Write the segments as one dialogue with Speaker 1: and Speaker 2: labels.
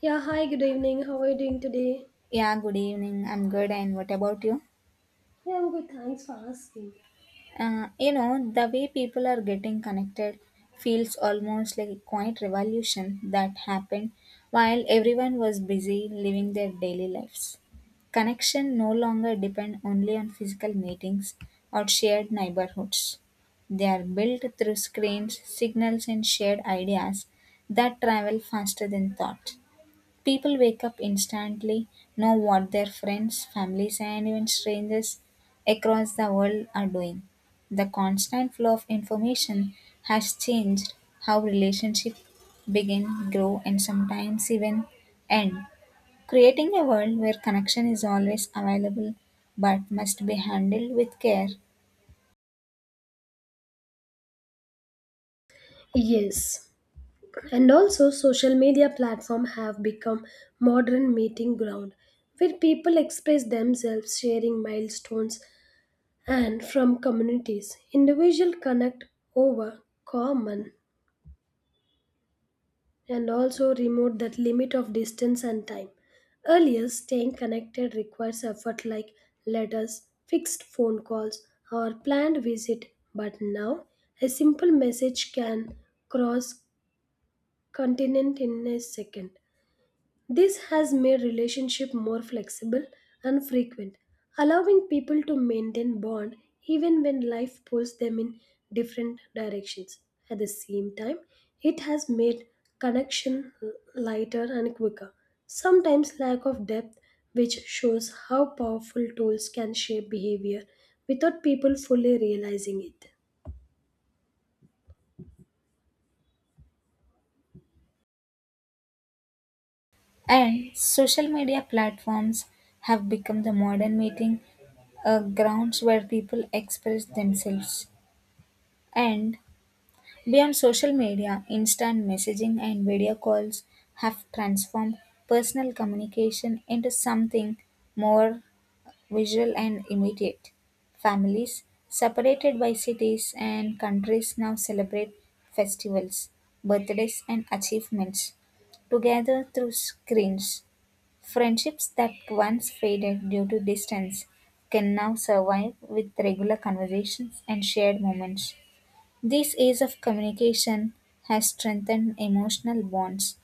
Speaker 1: Yeah, hi, good evening. How are you doing today?
Speaker 2: Yeah, good evening. I'm good. And what about you?
Speaker 1: Yeah, I'm good. Thanks for asking.
Speaker 2: The way people are getting connected feels almost like a quiet revolution that happened while everyone was busy living their daily lives. Connection no longer depend only on physical meetings or shared neighborhoods. They are built through screens, signals, and shared ideas that travel faster than thought. People wake up instantly, know what their friends, families, and even strangers across the world are doing. The constant flow of information has changed how relationships begin, grow, and sometimes even end, creating a world where connection is always available but must be handled with care.
Speaker 1: Yes. And also social media platform have become modern meeting ground where people express themselves sharing milestones and from communities. Individual connect over common and also removed that limit of distance and time. Earlier, staying connected requires effort like letters, fixed phone calls, or planned visit, but now a simple message can cross continent in a second. This has made relationship more flexible and frequent, allowing people to maintain bond even when life pulls them in different directions. At the same time, it has made connection lighter and quicker. Sometimes lack of depth which shows how powerful tools can shape behavior without people fully realizing it.
Speaker 2: And social media platforms have become the modern meeting grounds where people express themselves and beyond social media, instant messaging and video calls have transformed personal communication into something more visual and immediate. Families separated by cities and countries now celebrate festivals, birthdays, and achievements together through screens. Friendships that once faded due to distance can now survive with regular conversations and shared moments. This ease of communication has strengthened emotional bonds,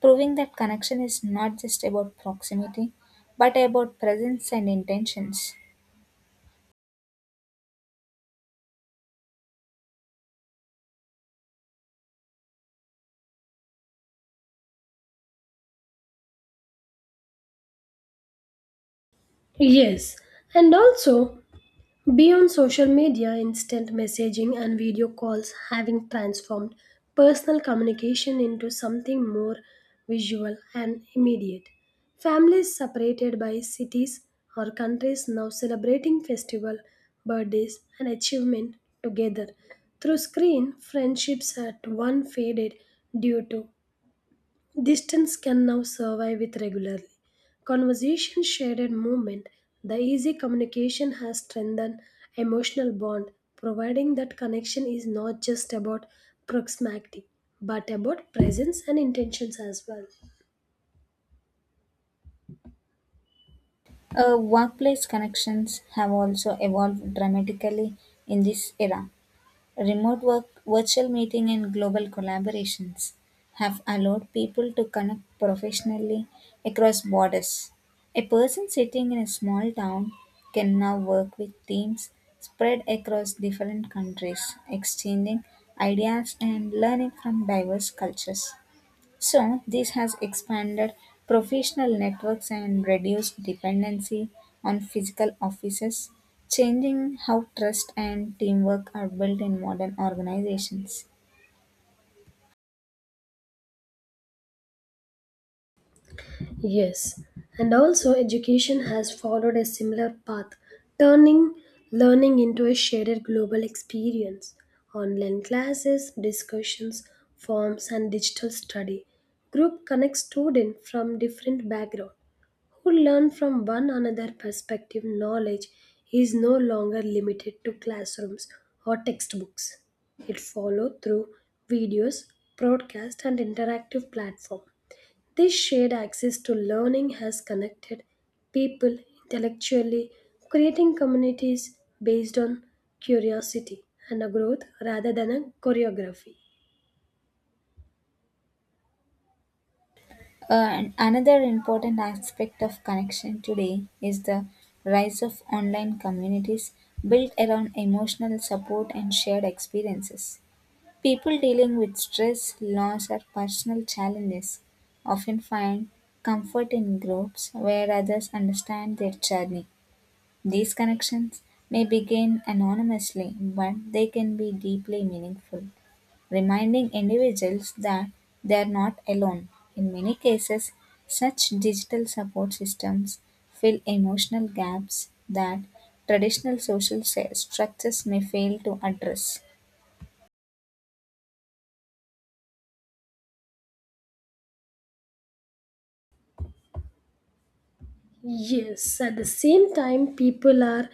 Speaker 2: proving that connection is not just about proximity, but about presence and intentions.
Speaker 1: Yes, and also beyond social media, instant messaging and video calls having transformed personal communication into something more visual and immediate. Families separated by cities or countries now celebrating festival, birthdays and achievement together. Through screen, friendships at one faded due to distance can now survive with regularly. Conversation, shared and movement, the easy communication has strengthened emotional bond, providing that connection is not just about proximity, but about presence and intentions as well.
Speaker 2: Workplace connections have also evolved dramatically in this era. Remote work, virtual meeting, and global collaborations have allowed people to connect professionally across borders. A person sitting in a small town can now work with teams spread across different countries, exchanging ideas and learning from diverse cultures. So, this has expanded professional networks and reduced dependency on physical offices, changing how trust and teamwork are built in modern organizations.
Speaker 1: Yes, and also education has followed a similar path, turning learning into a shared global experience. Online classes, discussions, forms, and digital study group connect students from different backgrounds who learn from one another perspective. Knowledge is no longer limited to classrooms or textbooks. It follows through videos, broadcast, and interactive platform this shared access to learning has connected people intellectually, creating communities based on curiosity and a growth rather than a choreography.
Speaker 2: And another important aspect of connection today is the rise of online communities built around emotional support and shared experiences. People dealing with stress, loss, or personal challenges often find comfort in groups where others understand their journey. These connections may begin anonymously, but they can be deeply meaningful, reminding individuals that they are not alone. In many cases, such digital support systems fill emotional gaps that traditional structures may fail to address.
Speaker 1: Yes, at the same time, people are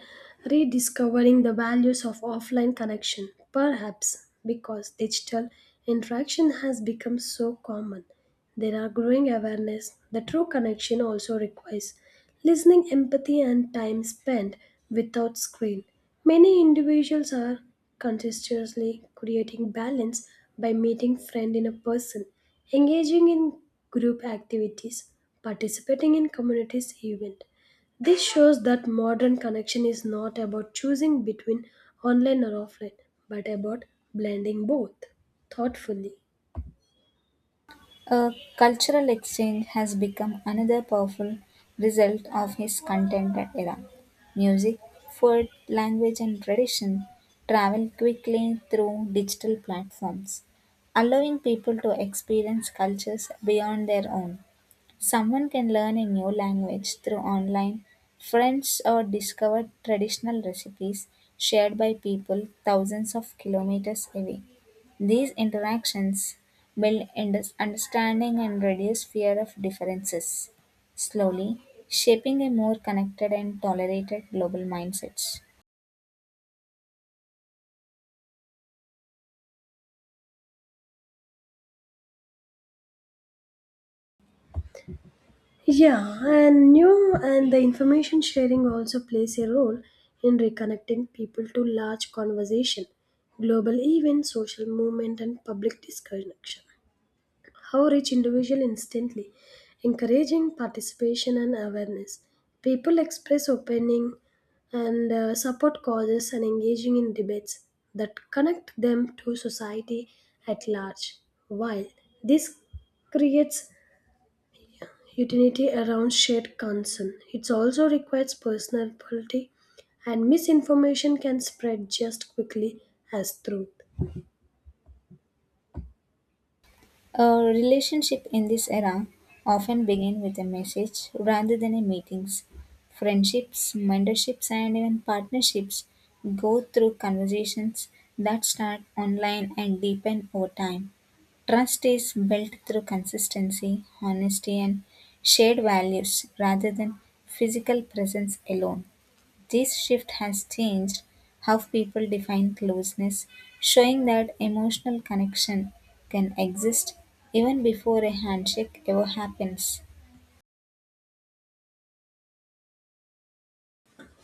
Speaker 1: rediscovering the values of offline connection, perhaps because digital interaction has become so common. There are growing awareness that true connection also requires listening, empathy, and time spent without screen. Many individuals are conscientiously creating balance by meeting friend in a person, engaging in group activities, participating in communities event. This shows that modern connection is not about choosing between online or offline, but about blending both thoughtfully.
Speaker 2: A cultural exchange has become another powerful result of his contemporary era. Music, food, language, and tradition travel quickly through digital platforms, allowing people to experience cultures beyond their own. Someone can learn a new language through online friends or discover traditional recipes shared by people thousands of kilometers away. These interactions build understanding and reduce fear of differences, slowly shaping a more connected and tolerated global mindset.
Speaker 1: Yeah, and new and the information sharing also plays a role in reconnecting people to large conversation, global events, social movement, and public discussion. How reach individual instantly, encouraging participation and awareness. People express opening and support causes and engaging in debates that connect them to society at large. While this creates utility around shared concern. It also requires personality, and misinformation can spread just quickly as truth.
Speaker 2: A relationship in this era often begin with a message rather than a meetings. Friendships, mentorships and even partnerships go through conversations that start online and deepen over time. Trust is built through consistency, honesty and shared values rather than physical presence alone. This shift has changed how people define closeness, showing that emotional connection can exist even before a handshake ever happens.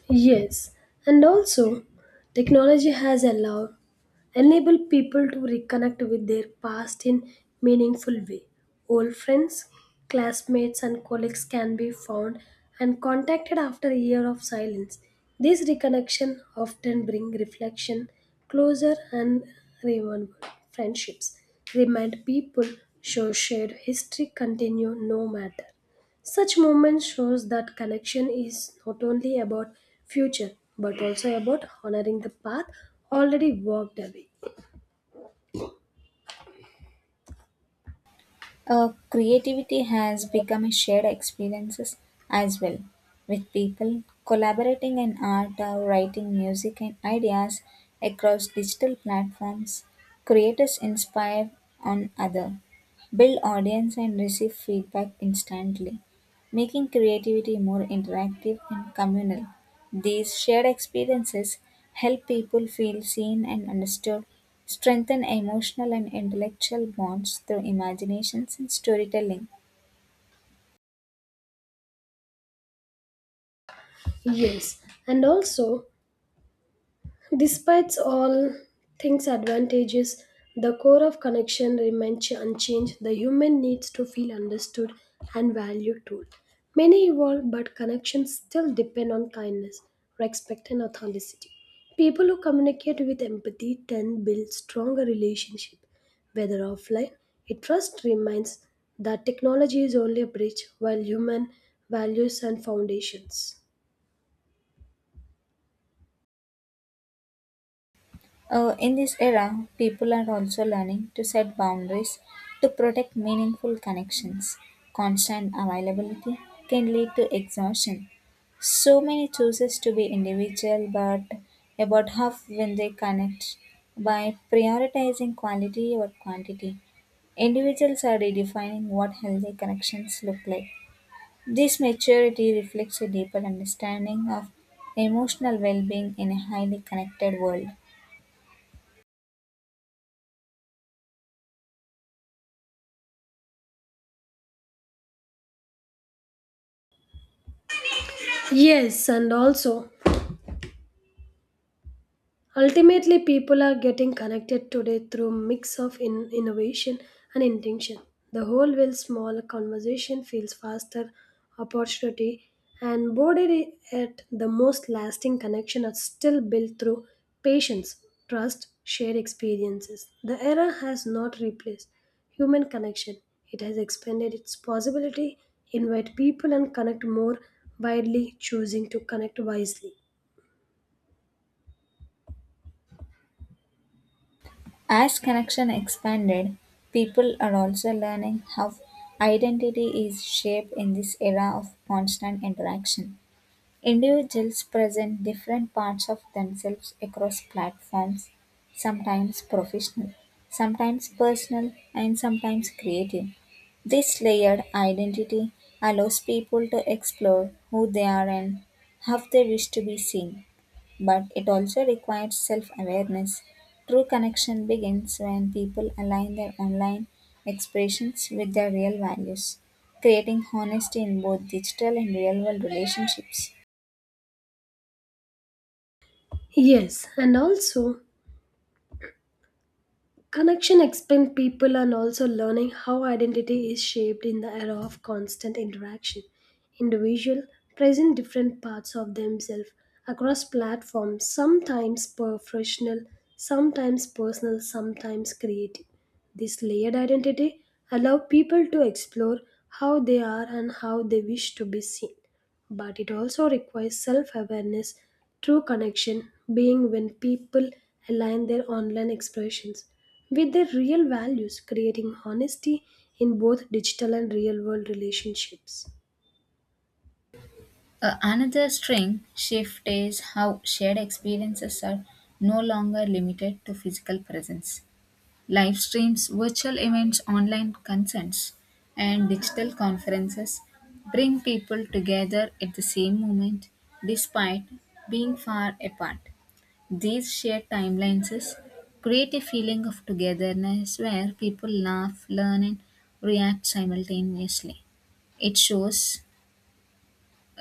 Speaker 1: Yes, and also technology has allowed enable people to reconnect with their past in meaningful way. Old friends, classmates and colleagues can be found and contacted after a year of silence. This reconnection often bring reflection closure, and remember friendships. Remind people show shared history continue no matter. Such movement shows that connection is not only about future but also about honoring the path already walked away.
Speaker 2: Creativity has become a shared experiences as well, with people collaborating in art, writing, music, and ideas across digital platforms. Creators inspire on other, build audience, and receive feedback instantly, making creativity more interactive and communal. These shared experiences help people feel seen and understood, strengthen emotional and intellectual bonds through imaginations and storytelling.
Speaker 1: Yes, and also despite all things' advantages, the core of connection remains unchanged. The human needs to feel understood and valued too. Many evolve, but connections still depend on kindness, respect, and authenticity. People who communicate with empathy tend build stronger relationships, whether offline. It first reminds that technology is only a bridge, while human values and foundations.
Speaker 2: In this era, people are also learning to set boundaries to protect meaningful connections. Constant availability can lead to exhaustion. So many chooses to be individual, but about half when they connect by prioritizing quality or quantity. Individuals are redefining what healthy connections look like. This maturity reflects a deeper understanding of emotional well being in a highly connected world.
Speaker 1: Yes, and also ultimately, people are getting connected today through mix of innovation and intention. The whole will small conversation feels faster, opportunity, and border at the most lasting connection are still built through patience, trust, shared experiences. The era has not replaced human connection. It has expanded its possibility, invite people and connect more widely, choosing to connect wisely.
Speaker 2: As connection expanded, people are also learning how identity is shaped in this era of constant interaction. Individuals present different parts of themselves across platforms, sometimes professional, sometimes personal, and sometimes creative. This layered identity allows people to explore who they are and how they wish to be seen. But it also requires self awareness. True connection begins when people align their online expressions with their real values, creating honesty in both digital and real world relationships.
Speaker 1: Yes, and also connection expand people and also learning how identity is shaped in the era of constant interaction. Individual present different parts of themselves across platforms, sometimes professional, sometimes personal, sometimes creative. This layered identity allow people to explore how they are and how they wish to be seen but it also requires self awareness. True connection being when people align their online expressions with their real values, creating honesty in both digital and real world relationships.
Speaker 2: Another string shift is how shared experiences are no longer limited to physical presence. Live streams, virtual events, online concerts, and digital conferences bring people together at the same moment despite being far apart. These shared timelines create a feeling of togetherness where people laugh, learn, and react simultaneously. It shows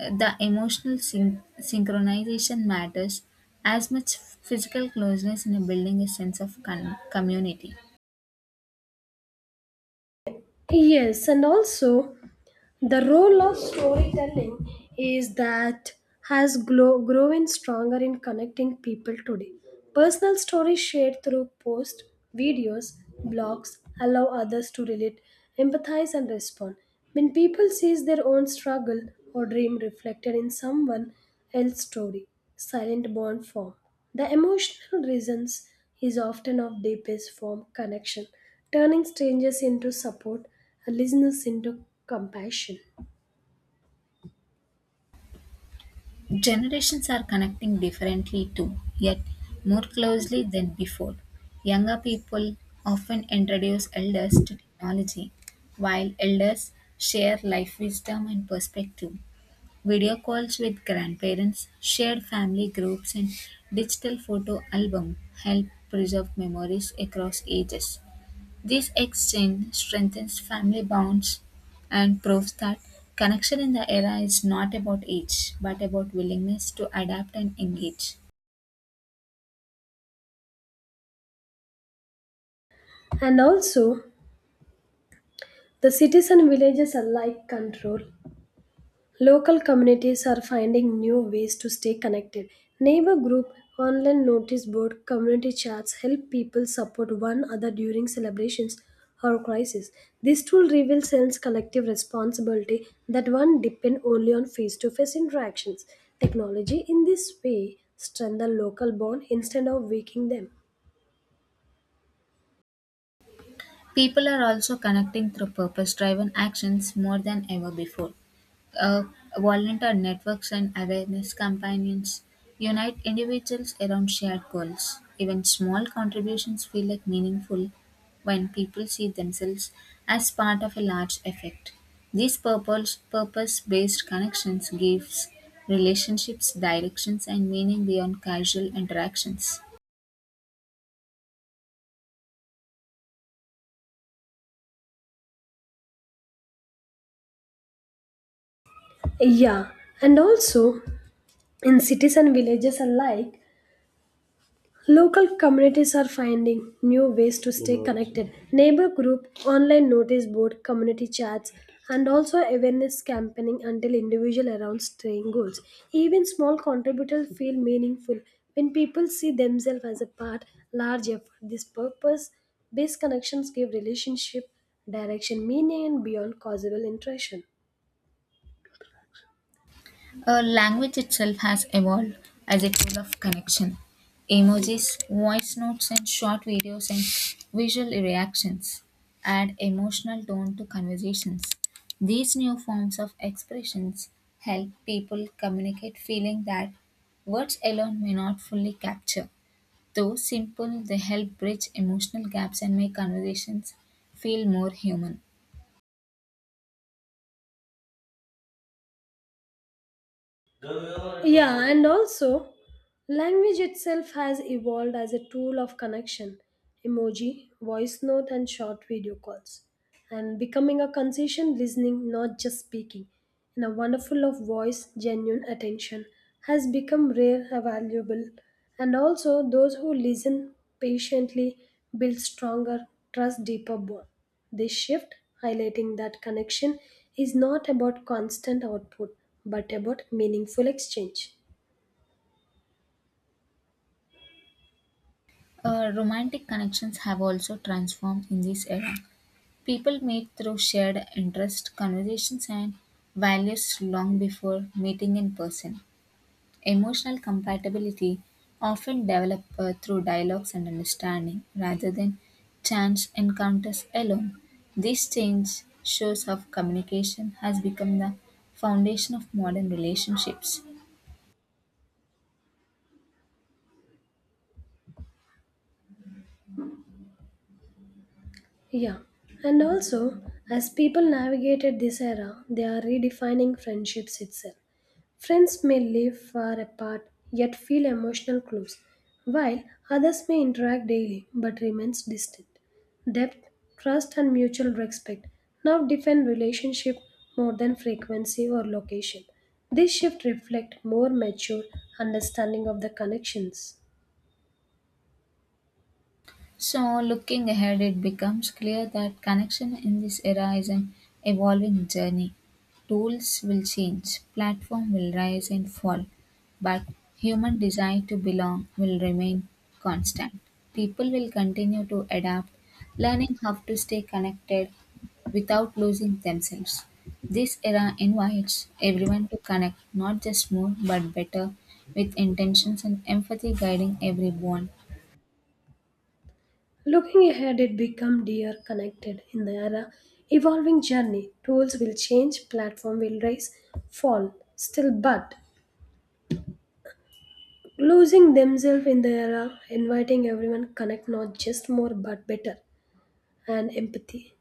Speaker 2: the emotional synchronization matters as much physical closeness in a building a sense of community.
Speaker 1: Yes, and also the role of storytelling is that has grown stronger in connecting people today. Personal stories shared through posts, videos, blogs allow others to relate, empathize, and respond. When people see their own struggle or dream reflected in someone else's story, silent bond form. The emotional reasons is often of deepest form connection turning strangers into support and listeners into compassion.
Speaker 2: Generations are connecting differently too, yet more closely than before. Younger people often introduce elders to technology, while elders share life wisdom and perspective. Video calls with grandparents, shared family groups, and digital photo album help preserve memories across ages. This exchange strengthens family bonds and proves that connection in the era is not about age but about willingness to adapt and engage.
Speaker 1: And also, the cities and villages alike control. Local communities are finding new ways to stay connected. Neighbor group, online notice board, community chats help people support one another during celebrations or crisis. This tool reveals sense collective responsibility that one depend only on face-to-face interactions. Technology in this way strengthen local bond instead of weakening them.
Speaker 2: People are also connecting through purpose driven actions more than ever before. Uh, Volunteer networks and awareness campaigns unite individuals around shared goals. Even small contributions feel like meaningful when people see themselves as part of a large effect. These purpose based connections gives relationships directions and meaning beyond casual interactions.
Speaker 1: Yeah, and also in cities and villages alike, local communities are finding new ways to stay connected. Neighbor group, online notice board, community chats, and also awareness campaigning until individual around staying goals. Even small contributors feel meaningful when people see themselves as a part large effort. This purpose based connections give relationship direction, meaning, and beyond causal interaction.
Speaker 2: A language itself has evolved as a tool of connection. Emojis, voice notes, and short videos and visual reactions add emotional tone to conversations. These new forms of expressions help people communicate feeling that words alone may not fully capture. Though simple, they help bridge emotional gaps and make conversations feel more human.
Speaker 1: Yeah, and also, language itself has evolved as a tool of connection emoji, voice note, and short video calls and becoming a consistent listening, not just speaking. In a wonderful of voice, genuine attention has become rare and valuable. And also, those who listen patiently build stronger, trust deeper bond. This shift, highlighting that connection, is not about constant output but about meaningful exchange.
Speaker 2: Romantic connections have also transformed in this era. People meet through shared interests, conversations, and values long before meeting in person. Emotional compatibility often develops through dialogues and understanding rather than chance encounters alone. This change shows how communication has become the foundation of modern relationships.
Speaker 1: Yeah. And also, as people navigated this era, they are redefining friendships itself. Friends may live far apart yet feel emotional close, while others may interact daily but remains distant. Depth, trust and mutual respect now define relationship more than frequency or location. This shift reflects more mature understanding of the connections.
Speaker 2: So, looking ahead, it becomes clear that connection in this era is an evolving journey. Tools will change, platform will rise and fall, but human desire to belong will remain constant. People will continue to adapt, learning how to stay connected without losing themselves. This era invites everyone to connect not just more but better, with intentions and empathy guiding every bond.
Speaker 1: Looking ahead, it become dear connected in the era evolving journey. Tools will change, platform will rise, fall, still but losing themselves in the era, inviting everyone connect not just more but better and empathy.